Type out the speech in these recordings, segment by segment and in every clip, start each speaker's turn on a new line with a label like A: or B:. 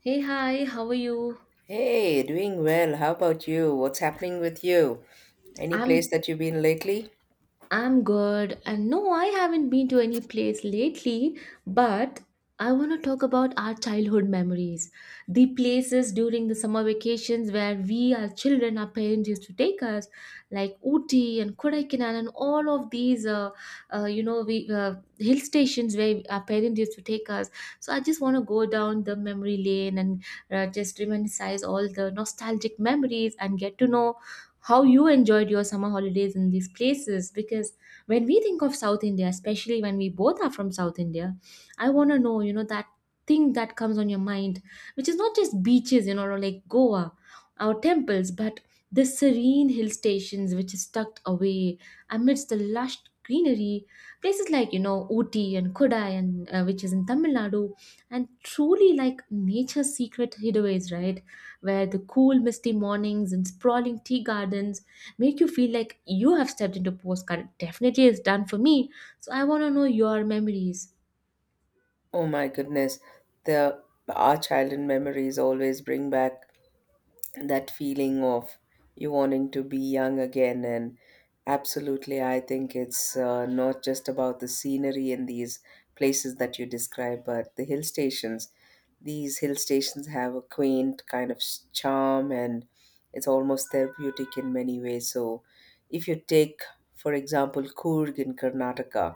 A: Hey, hi, how are you?
B: Hey, doing well. How about you? What's happening with you? Any place
A: I'm
B: that you've been lately?
A: I'm good. And no, I haven't been to any place lately, but I want to talk about our childhood memories. The places during the summer vacations where we, our children, our parents used to take us, like Ooty and Kodaikanal and all of these, uh, you know, we, uh, hill stations where our parents used to take us. So I just want to go down the memory lane and just reminisce all the nostalgic memories and get to know how you enjoyed your summer holidays in these places, because when we think of South India, especially when we both are from South India, I want to know, that thing that comes on your mind, which is not just beaches, or like Goa, our temples, but the serene hill stations which is tucked away amidst the lush greenery, places like Ooty and Kodai, and which is in Tamil Nadu, and truly like nature's secret hideaways, right? Where the cool, misty mornings and sprawling tea gardens make you feel like you have stepped into postcard. It definitely is done for me. So I want to know your memories.
B: Oh my goodness, the our childhood memories always bring back that feeling of you wanting to be young again. And absolutely, I think it's not just about the scenery in these places that you describe, but the hill stations. These hill stations have a quaint kind of charm and it's almost therapeutic in many ways. So if you take for example Coorg in Karnataka,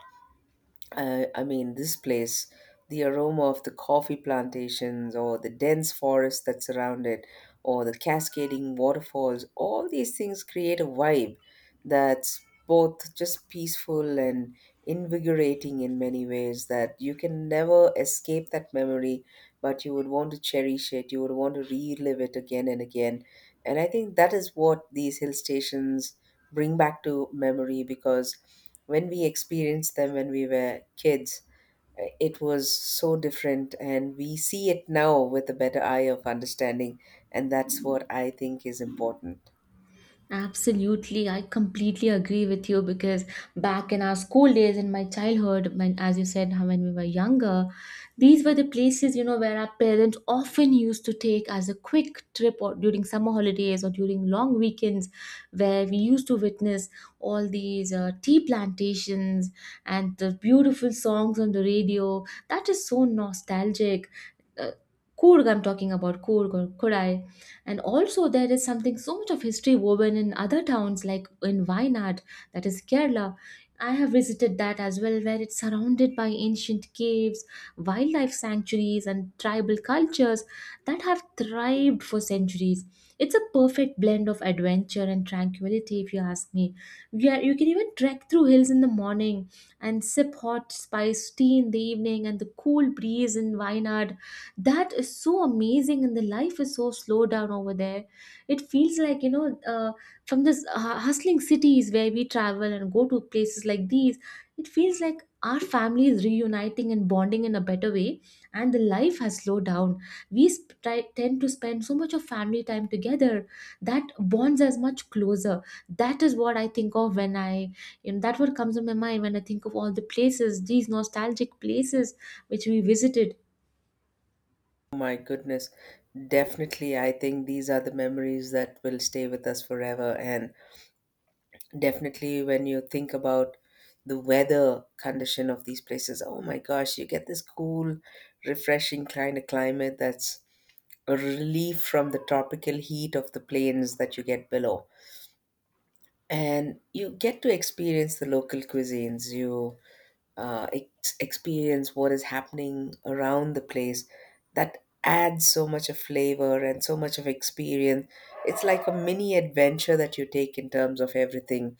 B: I mean, this place, the aroma of the coffee plantations or the dense forest that surround it or the cascading waterfalls, all these things create a vibe that's both just peaceful and invigorating in many ways, that you can never escape that memory, but you would want to cherish it, you would want to relive it again and again. And I think that is what these hill stations bring back to memory, because when we experienced them when we were kids, it was so different and we see it now with a better eye of understanding. And that's what I think is important.
A: Absolutely, I completely agree with you, because back in our school days, in my childhood, when, as you said, how when we were younger, these were the places where our parents often used to take as a quick trip or during summer holidays or during long weekends, where we used to witness all these tea plantations and the beautiful songs on the radio. That is so nostalgic. Uh, Kurg, I'm talking about Kurg or Kodai. And also, there is something so much of history woven in other towns, like in Wayanad, that is Kerala. I have visited that as well, where it's surrounded by ancient caves, wildlife sanctuaries, and tribal cultures that have thrived for centuries. It's a perfect blend of adventure and tranquility, if you ask me. Yeah, you can even trek through hills in the morning and sip hot spice tea in the evening, and the cool breeze in Wayanad, that is so amazing. And the life is so slow down over there. It feels like from this hustling cities where we travel and go to places like these, it feels like our family is reuniting and bonding in a better way, and the life has slowed down. We tend to spend so much of family time together, that bonds us much closer. That is what I think of when I, you know, that what comes to my mind when I think of all the places, these nostalgic places which we visited.
B: Oh my goodness, definitely I think these are the memories that will stay with us forever. And definitely when you think about the weather condition of these places, oh my gosh, you get this cool refreshing kind of climate, that's a relief from the tropical heat of the plains that you get below. And you get to experience the local cuisines, you experience what is happening around the place, that adds so much of flavor and so much of experience. It's like a mini adventure that you take in terms of everything.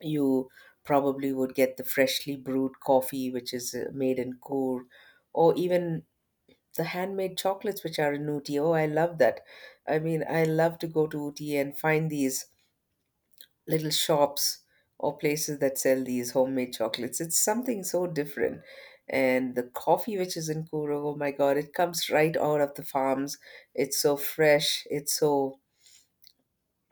B: You probably would get the freshly brewed coffee which is made in Coor, or even the handmade chocolates which are in Ooty. Oh I love that. I mean I love to go to Ooty and find these little shops or places that sell these homemade chocolates. It's something so different. And the coffee which is in Kuro, oh my God, it comes right out of the farms. It's so fresh. It's so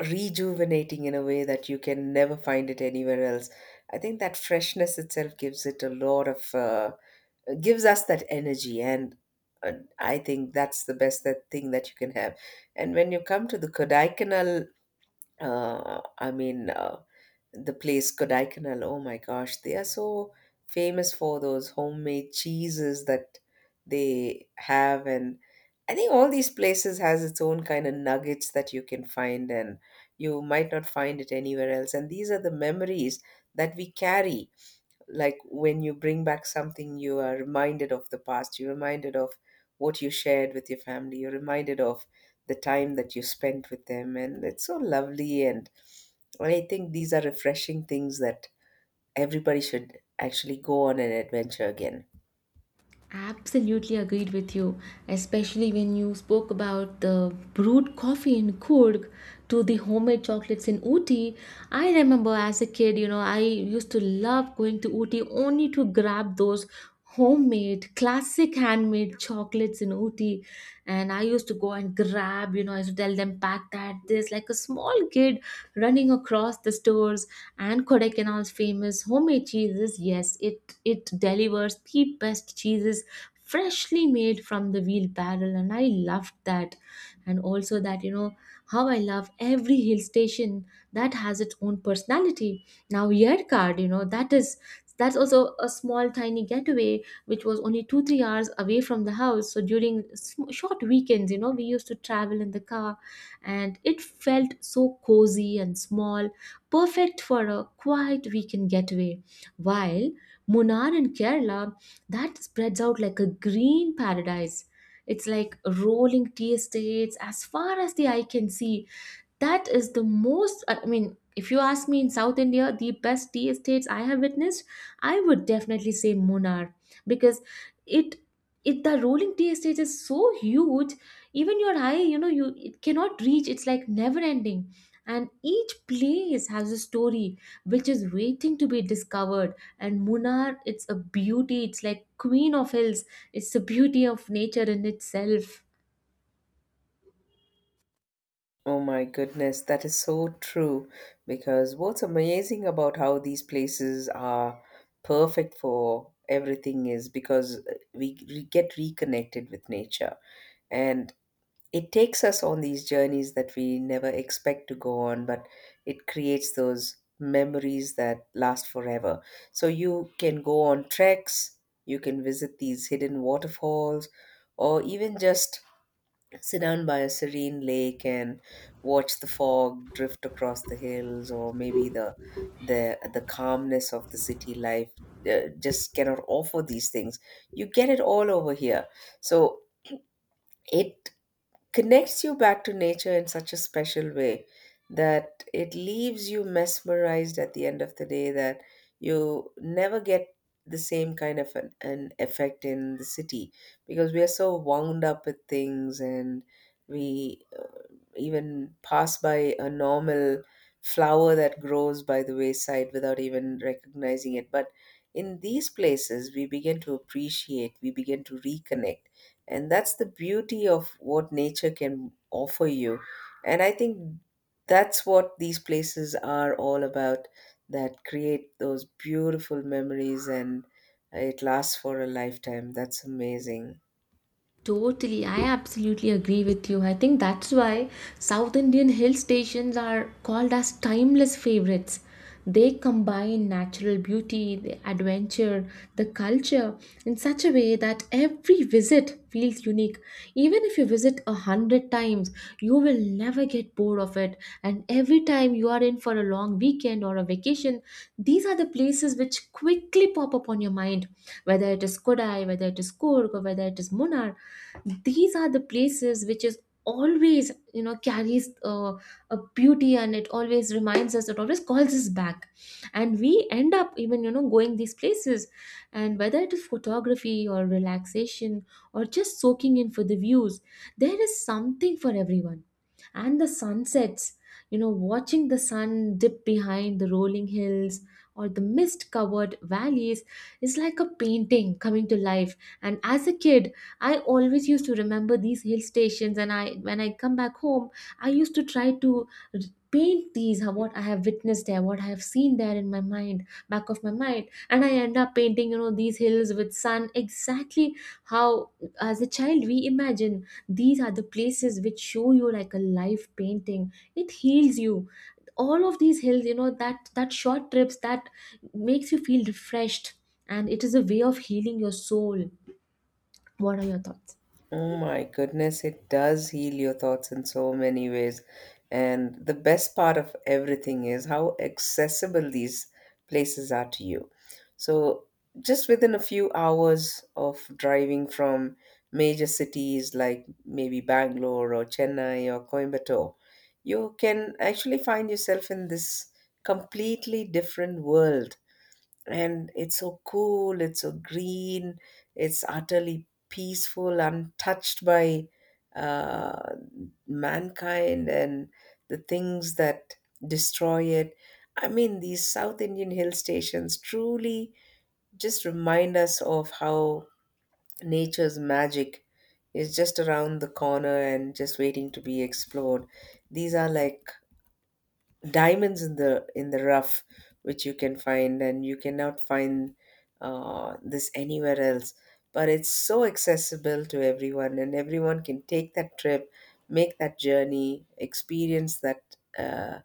B: rejuvenating in a way that you can never find it anywhere else. I think that freshness itself gives it a lot of, gives us that energy. And uh, I think that's the best that thing that you can have. And when you come to the Kodaikanal, I mean, the place Kodaikanal. Oh my gosh, they are so famous for those homemade cheeses that they have, and I think all these places has its own kind of nuggets that you can find, and you might not find it anywhere else. And these are the memories that we carry, like when you bring back something you are reminded of the past, you're reminded of what you shared with your family, you're reminded of the time that you spent with them, and it's so lovely. And I think these are refreshing things that everybody should actually go on an adventure again.
A: Absolutely agreed with you, especially when you spoke about the brewed coffee in Kurg to the homemade chocolates in Ooty. I remember as a kid, I used to love going to Ooty only to grab those homemade, classic handmade chocolates in Ooty. And I used to go and grab, I used to tell them, pack that, this, like a small kid running across the stores, and Kodaikanal's famous homemade cheeses. Yes, it delivers the best cheeses freshly made from the wheel barrel, and I loved that. And also that, you know, how I love every hill station that has its own personality. Now Yerkard, you know, that's also a small tiny getaway which was only 2-3 hours away from the house. So during short weekends, you know, we used to travel in the car, and it felt so cozy and small, perfect for a quiet weekend getaway. While Munnar in Kerala, that spreads out like a green paradise. It's like rolling tea estates as far as the eye can see. That is the most, I mean, if you ask me, in South India, the best tea estates I have witnessed, I would definitely say Munnar. Because it it the rolling tea estate is so huge, even your eye, you know, you it cannot reach, it's like never ending. And each place has a story which is waiting to be discovered. And Munnar, it's a beauty, it's like queen of hills, it's the beauty of nature in itself.
B: Oh my goodness, that is so true, because what's amazing about how these places are perfect for everything is because we get reconnected with nature, and it takes us on these journeys that we never expect to go on, but it creates those memories that last forever. So you can go on treks, you can visit these hidden waterfalls, or even just sit down by a serene lake and watch the fog drift across the hills, or maybe the calmness of the city life just cannot offer these things. You get it all over here. So it connects you back to nature in such a special way that it leaves you mesmerized at the end of the day, that you never get the same kind of an effect in the city, because we are so wound up with things, and we even pass by a normal flower that grows by the wayside without even recognizing it. But in these places, we begin to appreciate, we begin to reconnect. And that's the beauty of what nature can offer you. And I think that's what these places are all about, that create those beautiful memories and it lasts for a lifetime. That's amazing.
A: Totally, I absolutely agree with you. I think that's why South Indian hill stations are called as timeless favorites. They combine natural beauty, the adventure, the culture in such a way that every visit feels unique. Even if you visit 100 times, you will never get bored of it. And every time you are in for a long weekend or a vacation, these are the places which quickly pop up on your mind, whether it is Kodai, whether it is Kurg, or whether it is Munnar. These are the places which is always, you know, carries a beauty, and it always reminds us, it always calls us back, and we end up even, you know, going these places. And whether it is photography or relaxation or just soaking in for the views, there is something for everyone. And the sunsets, you know, watching the sun dip behind the rolling hills or the mist covered valleys, is like a painting coming to life. And as a kid, I always used to remember these hill stations, and I when I come back home, I used to try to r- paint these, what I have witnessed there, what I have seen there, in my mind, back of my mind, and I end up painting, you know, these hills with sun exactly how as a child we imagine. These are the places which show you like a live painting. It heals you. All of these hills, you know, that that short trips that makes you feel refreshed, and it is a way of healing your soul. What are your thoughts?
B: Oh my goodness, it does heal your thoughts in so many ways. And the best part of everything is how accessible these places are to you. So, just within a few hours of driving from major cities like maybe Bangalore or Chennai or Coimbatore, you can actually find yourself in this completely different world. And it's so cool, it's so green, it's utterly peaceful, untouched by uh, mankind and the things that destroy it. I mean these South Indian hill stations truly just remind us of how nature's magic is just around the corner and just waiting to be explored. These are like diamonds in the rough, which you can find and you cannot find this anywhere else. But it's so accessible to everyone and everyone can take that trip, make that journey, experience that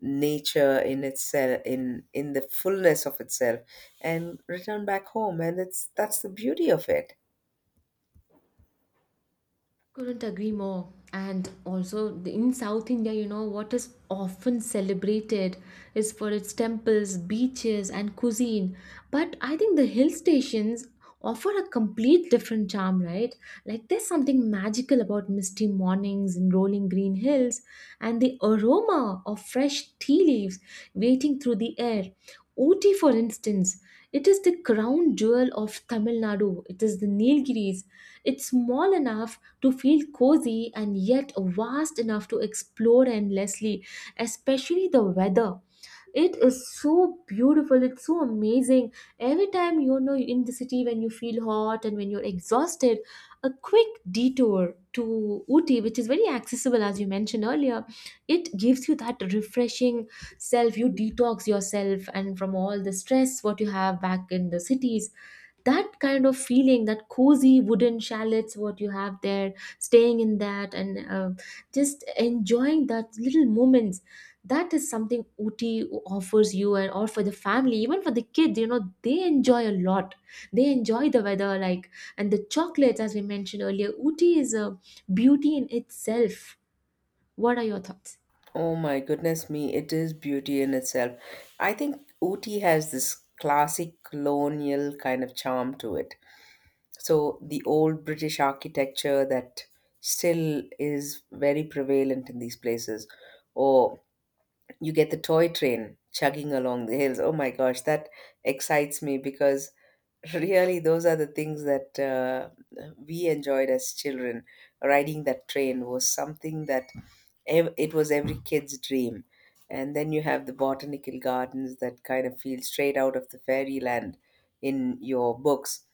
B: nature in itself, in the fullness of itself, and return back home. And it's that's the beauty of it.
A: Couldn't agree more. And also in South India, you know, what is often celebrated is for its temples, beaches, and cuisine. But I think the hill stations offer a complete different charm, right? Like there's something magical about misty mornings and rolling green hills and the aroma of fresh tea leaves waiting through the air. Ooty, for instance, it is the crown jewel of Tamil Nadu. It is the Nilgiris. It's small enough to feel cozy and yet vast enough to explore endlessly, especially the weather. It is so beautiful, it's so amazing. Every time, you know, in the city when you feel hot and when you're exhausted, a quick detour to Ooty, which is very accessible as you mentioned earlier, it gives you that refreshing self. You detox yourself and from all the stress what you have back in the cities. That kind of feeling, that cozy wooden chalets what you have there, staying in that, and just enjoying that little moments. That is something Uti offers you. And or for the family, even for the kids, you know, they enjoy a lot. They enjoy the weather like and the chocolates as we mentioned earlier. Uti is a beauty in itself. What are your thoughts?
B: Oh my goodness me, it is beauty in itself. I think Ooty has this classic colonial kind of charm to it. So, the old British architecture that still is very prevalent in these places, or you get the toy train chugging along the hills. Oh my gosh, that excites me because really those are the things that we enjoyed as children. Riding that train was something that it was every kid's dream. And then you have the botanical gardens that kind of feel straight out of the fairyland in your books.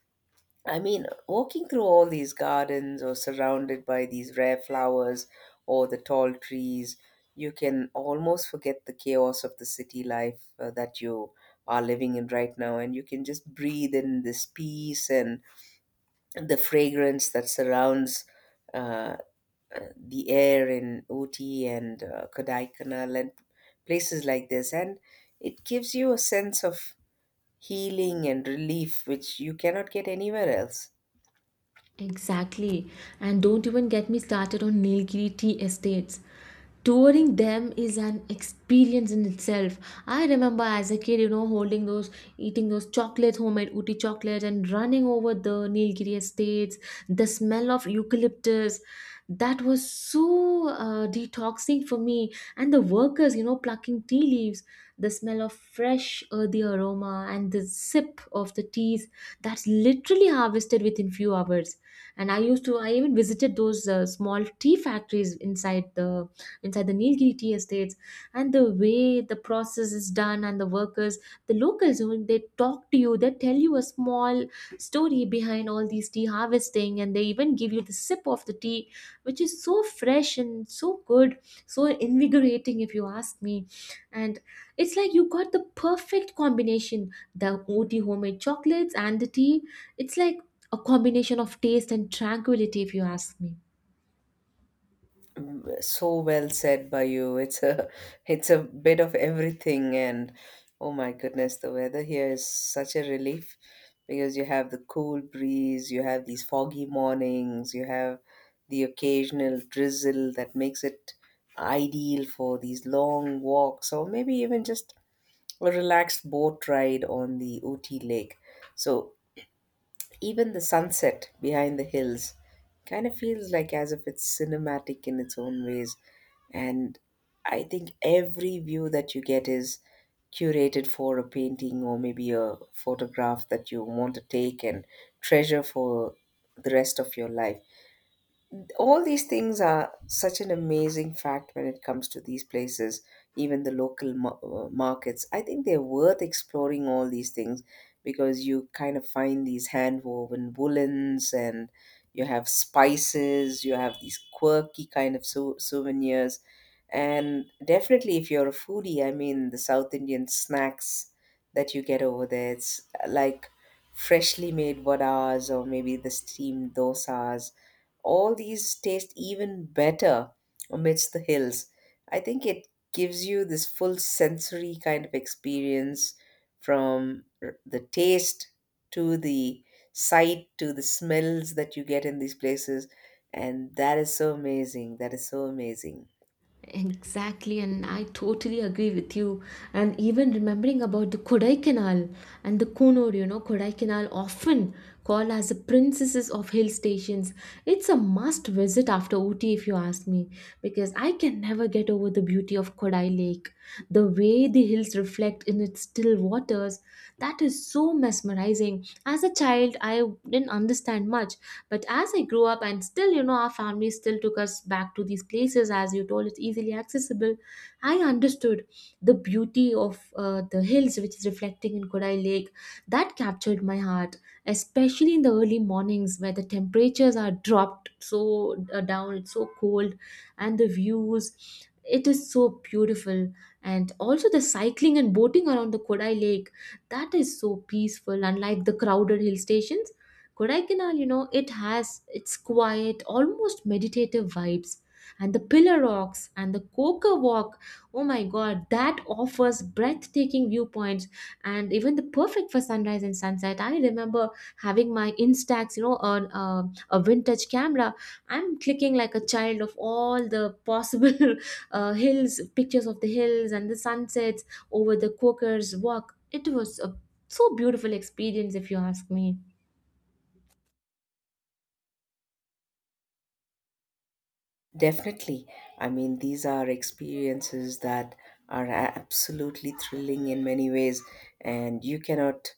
B: I mean, walking through all these gardens or surrounded by these rare flowers or the tall trees, you can almost forget the chaos of the city life that you are living in right now. And you can just breathe in this peace and the fragrance that surrounds. uh, the air in Ooty and Kodai and places like this. And it gives you a sense of healing and relief, which you cannot get anywhere else.
A: Exactly. And don't even get me started on Nilgiri tea estates. Touring them is an experience in itself. I remember as a kid, you know, holding those, eating those chocolates, homemade Uti chocolates, and running over the Nilgiri estates, the smell of eucalyptus. That was so detoxing for me. And the workers, you know, plucking tea leaves, the smell of fresh earthy aroma and the sip of the teas that's literally harvested within few hours. And I used to, I even visited those small tea factories inside the nilgiri tea estates, and the way the process is done, and the workers, the locals when they talk to you, they tell you a small story behind all these tea harvesting, and they even give you the sip of the tea which is so fresh and so good, so invigorating if you ask me. And it's like you got the perfect combination, the OT homemade chocolates and the tea. It's like a combination of taste and tranquility, if you ask me.
B: So well said by you. It's a it's a bit of everything. And oh my goodness, the weather here is such a relief because you have the cool breeze, you have these foggy mornings, you have the occasional drizzle that makes it ideal for these long walks or maybe even just a relaxed boat ride on the Ooty lake. So even the sunset behind the hills kind of feels like as if it's cinematic in its own ways. And I think every view that you get is curated for a painting or maybe a photograph that you want to take and treasure for the rest of your life. All these things are such an amazing fact when it comes to these places. Even the local markets, I think they're worth exploring, all these things, because you kind of find these hand woven woolens, and you have spices, you have these quirky kind of souvenirs. And definitely if you're a foodie, I mean the South Indian snacks that you get over there, it's like freshly made vadas or maybe the steamed dosas, all these taste even better amidst the hills. I think it gives you this full sensory kind of experience, from the taste to the sight to the smells that you get in these places. And that is so amazing. That is so amazing.
A: Exactly, and I totally agree with you. And even remembering about the Kodaikanal and the Kunur, you know, Kodaikanal often called as the princesses of hill stations. It's a must visit after Ooty, if you ask me, because I can never get over the beauty of Kodai Lake. The way the hills reflect in its still waters, that is so mesmerizing. As a child, I didn't understand much, but as I grew up, and still, you know, our family still took us back to these places. As you told, it's easily accessible. I understood the beauty of the hills, which is reflecting in Kodai Lake. That captured my heart, especially in the early mornings where the temperatures are dropped so down, it's so cold, and the views. It is so beautiful, and also the cycling and boating around the Kodai Lake, that is so peaceful, unlike the crowded hill stations. Kodaikanal, you know, it has its quiet, almost meditative vibes. And the pillar rocks and the coca walk, oh my god, that offers breathtaking viewpoints and even the perfect for sunrise and sunset. I remember having my Instax, you know, on a vintage camera. I'm clicking like a child of all the possible hills, pictures of the hills and the sunsets over the Quakers walk. It was a so beautiful experience, if you ask me.
B: Definitely. I mean, these are experiences that are absolutely thrilling in many ways, and you cannot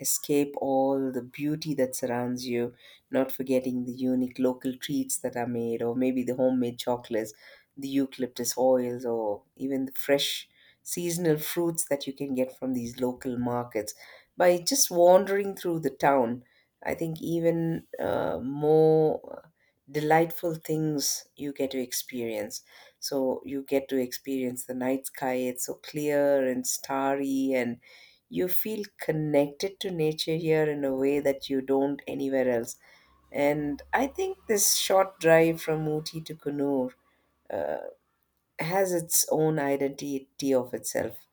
B: escape all the beauty that surrounds you, not forgetting the unique local treats that are made, or maybe the homemade chocolates, the eucalyptus oils, or even the fresh seasonal fruits that you can get from these local markets. By just wandering through the town, I think even more delightful things you get to experience. So you get to experience the night sky. It's so clear and starry, and you feel connected to nature here in a way that you don't anywhere else. And I think this short drive from Uti to Kunur uh, has its own identity of itself.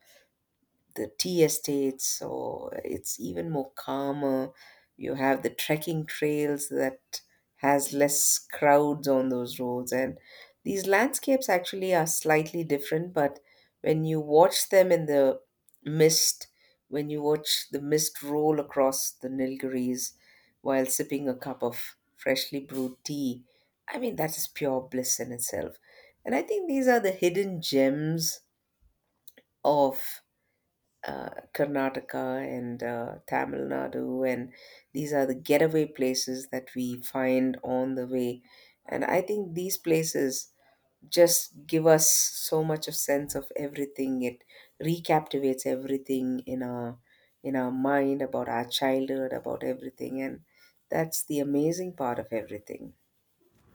B: The tea estates, so it's even more calmer. You have the trekking trails that has less crowds on those roads, and these landscapes actually are slightly different. But when you watch them in the mist, when you watch the mist roll across the Nilgiris while sipping a cup of freshly brewed tea, I mean that is pure bliss in itself. And I think these are the hidden gems of Karnataka and Tamil Nadu, and these are the getaway places that we find on the way. And I think these places just give us so much of sense of everything. It recaptivates everything in our mind about our childhood, about everything, and that's the amazing part of everything.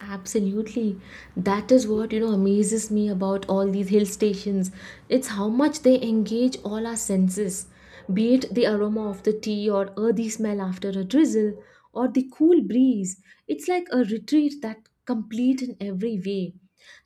A: Absolutely. That is what, you know, amazes me about all these hill stations. It's how much they engage all our senses, be it the aroma of the tea or earthy smell after a drizzle or the cool breeze. It's like a retreat that complete in every way.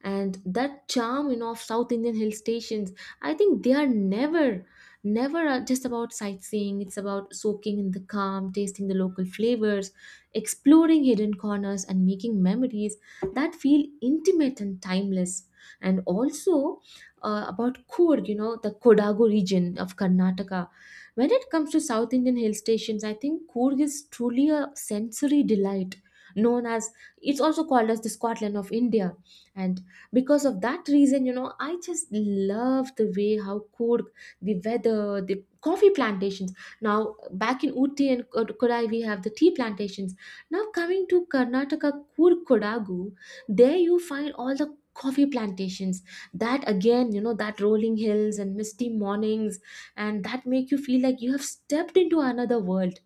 A: And that charm, you know, of South Indian hill stations, I think they are never, never are just about sightseeing. It's about soaking in the calm, tasting the local flavors, exploring hidden corners and making memories that feel intimate and timeless. And also about Coorg, you know, the Kodagu region of Karnataka. When it comes to South Indian hill stations, I think Coorg is truly a sensory delight, known as, it's also called as the Scotland of India. And because of that reason, you know, I just love the way how Coorg, the weather, the coffee plantations. Now, back in Uti and Kodai, we have the tea plantations. Now coming to Karnataka Kur Kodagu, there you find all the coffee plantations, that again, you know, that rolling hills and misty mornings, and that make you feel like you have stepped into another world.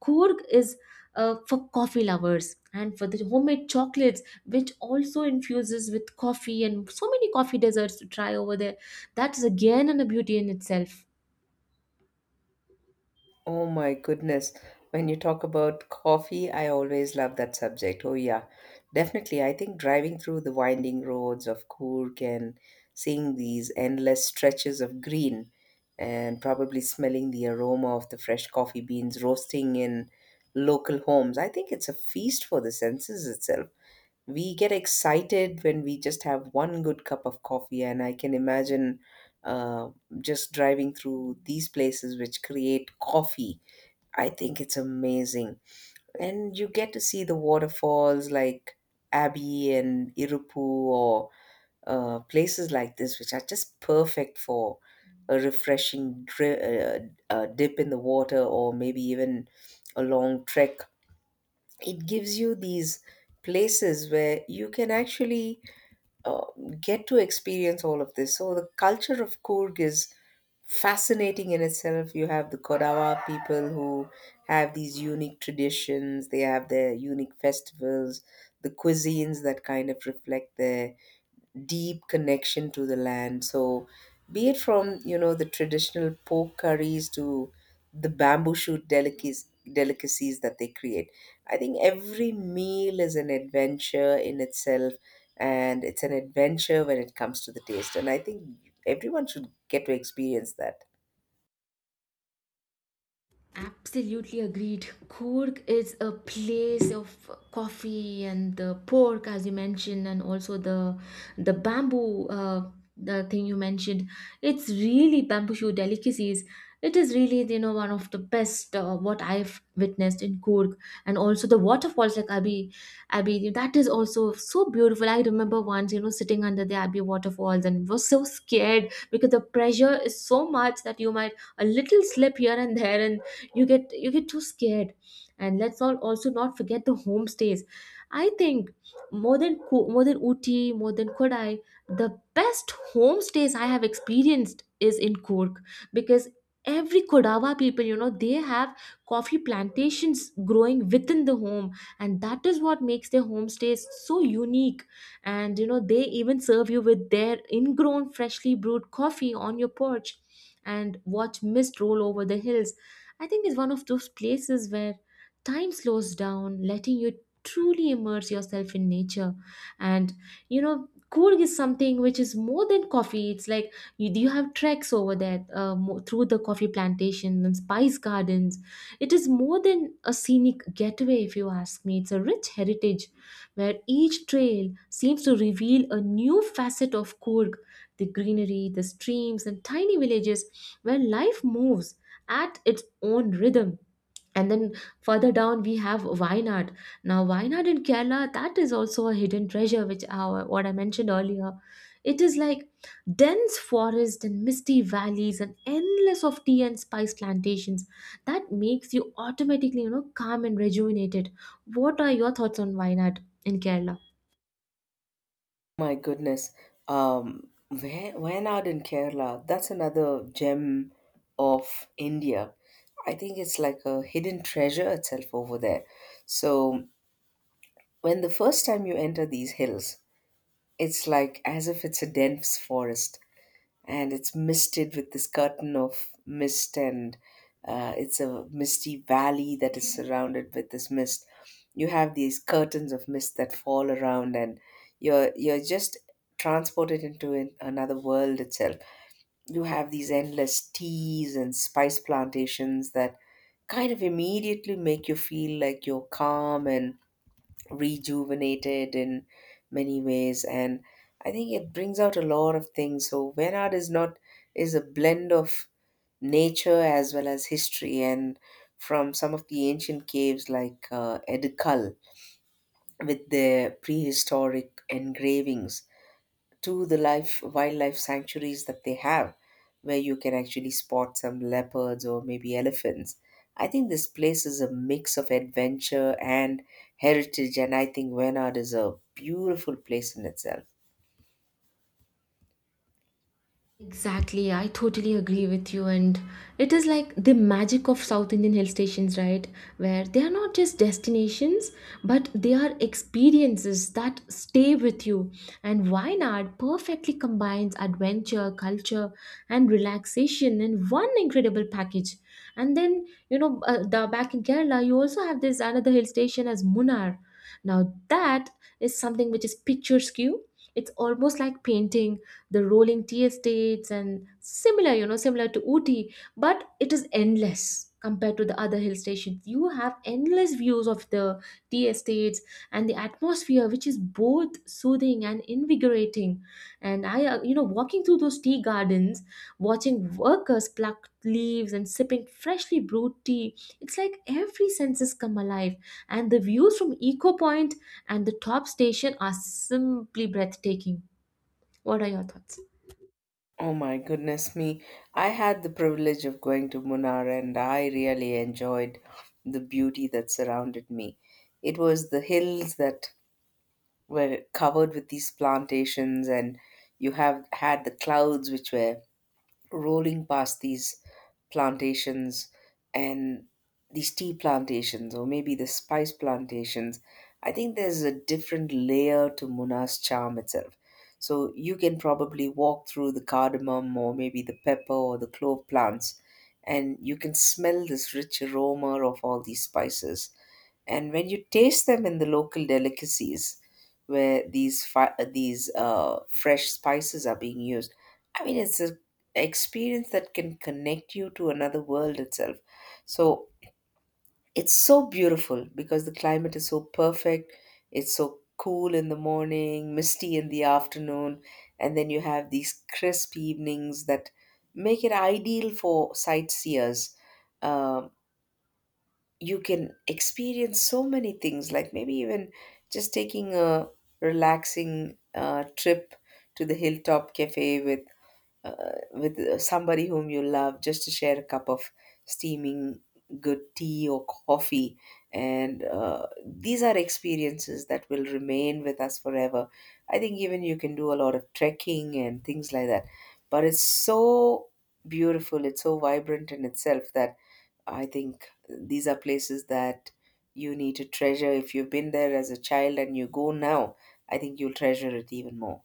A: Coorg is for coffee lovers and for the homemade chocolates which also infuses with coffee and so many coffee desserts to try over there. That is again a beauty in itself.
B: Oh my goodness. When you talk about coffee, I always love that subject. Oh, yeah. Definitely. I think driving through the winding roads of Coorg and seeing these endless stretches of green and probably smelling the aroma of the fresh coffee beans roasting in local homes, I think it's a feast for the senses itself. We get excited when we just have one good cup of coffee, and I can imagine uh, just driving through these places which create coffee. I think it's amazing. And you get to see the waterfalls like Abbey and Irupu or places like this, which are just perfect for a dip in the water or maybe even a long trek. It gives you these places where you can actually uh, get to experience all of this. So the culture of Kurg is fascinating in itself. You have the Kodawa people who have these unique traditions. They have their unique festivals, the cuisines that kind of reflect their deep connection to the land. So, be it from you know the traditional pork curries to the bamboo shoot delicacies that they create. I think every meal is an adventure in itself, and it's an adventure when it comes to the taste. And I think everyone should get to experience that.
A: Absolutely agreed. Cork is a place of coffee and the pork, as you mentioned, and also the bamboo, the thing you mentioned. It's really bamboo shoot delicacies. It is really, you know, one of the best what I've witnessed in Cork, and also the waterfalls like Abbey, Abbey. That is also so beautiful. I remember once, you know, sitting under the Abbey waterfalls and was so scared because the pressure is so much that you might a little slip here and there, and you get too scared. And let's all also not forget the homestays. I think more than more than Uti, more than Kodai, the best homestays I have experienced is in Cork, because every kodawa people, you know, they have coffee plantations growing within the home, and that is what makes their homestays so unique. And you know, they even serve you with their ingrown freshly brewed coffee on your porch and watch mist roll over the hills. I think it's one of those places where time slows down, letting you truly immerse yourself in nature. And you know, Coorg is something which is more than coffee. It's like you have treks over there, through the coffee plantations and spice gardens. It is more than a scenic getaway, if you ask me. It's a rich heritage where each trail seems to reveal a new facet of Coorg, the greenery, the streams, and tiny villages where life moves at its own rhythm. And then further down, we have Wayanad. Now, Wayanad in Kerala, that is also a hidden treasure, which our what I mentioned earlier. It is like dense forest and misty valleys and endless of tea and spice plantations that makes you automatically, you know, calm and rejuvenated. What are your thoughts on Wayanad in Kerala?
B: My goodness. Wayanad in Kerala, that's another gem of India. I think it's like a hidden treasure itself over there. So, when the first time you enter these hills, it's like as if it's a dense forest and it's misted with this curtain of mist, and it's a misty valley that is surrounded with this mist. You have these curtains of mist that fall around, and you're just transported into an, another world itself. You have these endless teas and spice plantations that kind of immediately make you feel like you're calm and rejuvenated in many ways. And I think it brings out a lot of things. So when art is not is a blend of nature as well as history, and from some of the ancient caves like edikal with their prehistoric engravings to the life wildlife sanctuaries that they have where you can actually spot some leopards or maybe elephants. I think this place is a mix of adventure and heritage, and I think wenard is a beautiful place in itself.
A: Exactly, I totally agree with you. And it is like the magic of South Indian hill stations, right? Where they are not just destinations, but they are experiences that stay with you. And Wayanad perfectly combines adventure, culture, and relaxation in one incredible package. And then, you know, back in Kerala, you also have this another hill station as Munnar. Now, that is something which is picturesque. It's almost like painting the rolling tea estates and similar, you know, similar to Ooty, but it is endless compared to the other hill stations. You have endless views of the tea estates and the atmosphere which is both soothing and invigorating. And I you know, walking through those tea gardens, watching workers pluck leaves and sipping freshly brewed tea, it's like every senses come alive. And the views from eco point and the top station are simply breathtaking. What are your thoughts?
B: Oh my goodness me. I had the privilege of going to munnar, and I really enjoyed the beauty that surrounded me. It was the hills that were covered with these plantations, and you have had the clouds which were rolling past these plantations. And these tea plantations or maybe the spice plantations, I think there's a different layer to Muna's charm itself. So you can probably walk through the cardamom or maybe the pepper or the clove plants, and you can smell this rich aroma of all these spices. And when you taste them in the local delicacies, where these fresh spices are being used. I mean, it's an experience that can connect you to another world itself. So it's so beautiful because the climate is so perfect. It's so cool in the morning, misty in the afternoon, and then you have these crisp evenings that make it ideal for sightseers. Um you can experience so many things, like maybe even just taking a relaxing trip to the hilltop cafe with somebody whom you love, just to share a cup of steaming good tea or coffee. And these are experiences that will remain with us forever. I think even you can do a lot of trekking and things like that, but it's so beautiful, it's so vibrant in itself, that I think these are places that you need to treasure. If you've been there as a child and you go now, I think you'll treasure it even more.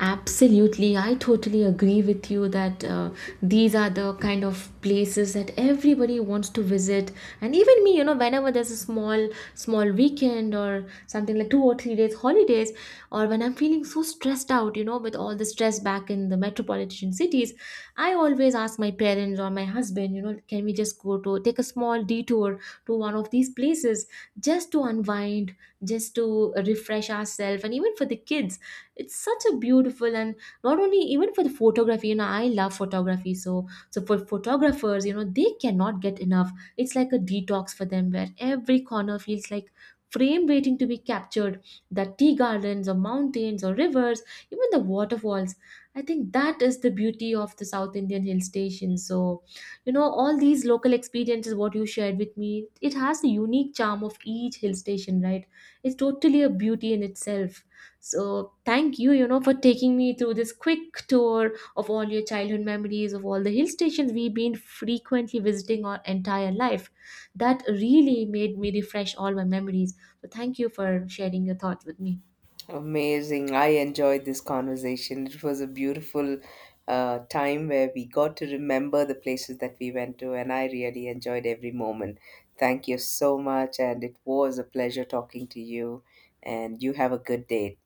A: Absolutely, I totally agree with you that these are the kind of places that everybody wants to visit, and even me, you know, whenever there's a small, small weekend or something like 2 or 3 days holidays, or when I'm feeling so stressed out, you know, with all the stress back in the metropolitan cities, I always ask my parents or my husband, you know, can we just go to take a small detour to one of these places, just to unwind, just to refresh ourselves, and even for the kids it's such a beautiful. And not only even for the photography, you know, I love photography, so so for photographers, you know, they cannot get enough. It's like a detox for them where every corner feels like frame waiting to be captured, the tea gardens or mountains or rivers, even the waterfalls. I think that is the beauty of the South Indian hill station. So you know, all these local experiences, what you shared with me, it has the unique charm of each hill station, right? It's totally a beauty in itself. So thank you, you know, for taking me through this quick tour of all your childhood memories of all the hill stations we've been frequently visiting our entire life. That really made me refresh all my memories. So thank you for sharing your thoughts with me.
B: Amazing. I enjoyed this conversation. It was a beautiful time where we got to remember the places that we went to, and I really enjoyed every moment. Thank you so much, and it was a pleasure talking to you. And you have a good day.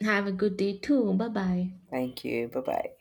A: Have a good day too. Bye bye.
B: Thank you. Bye bye.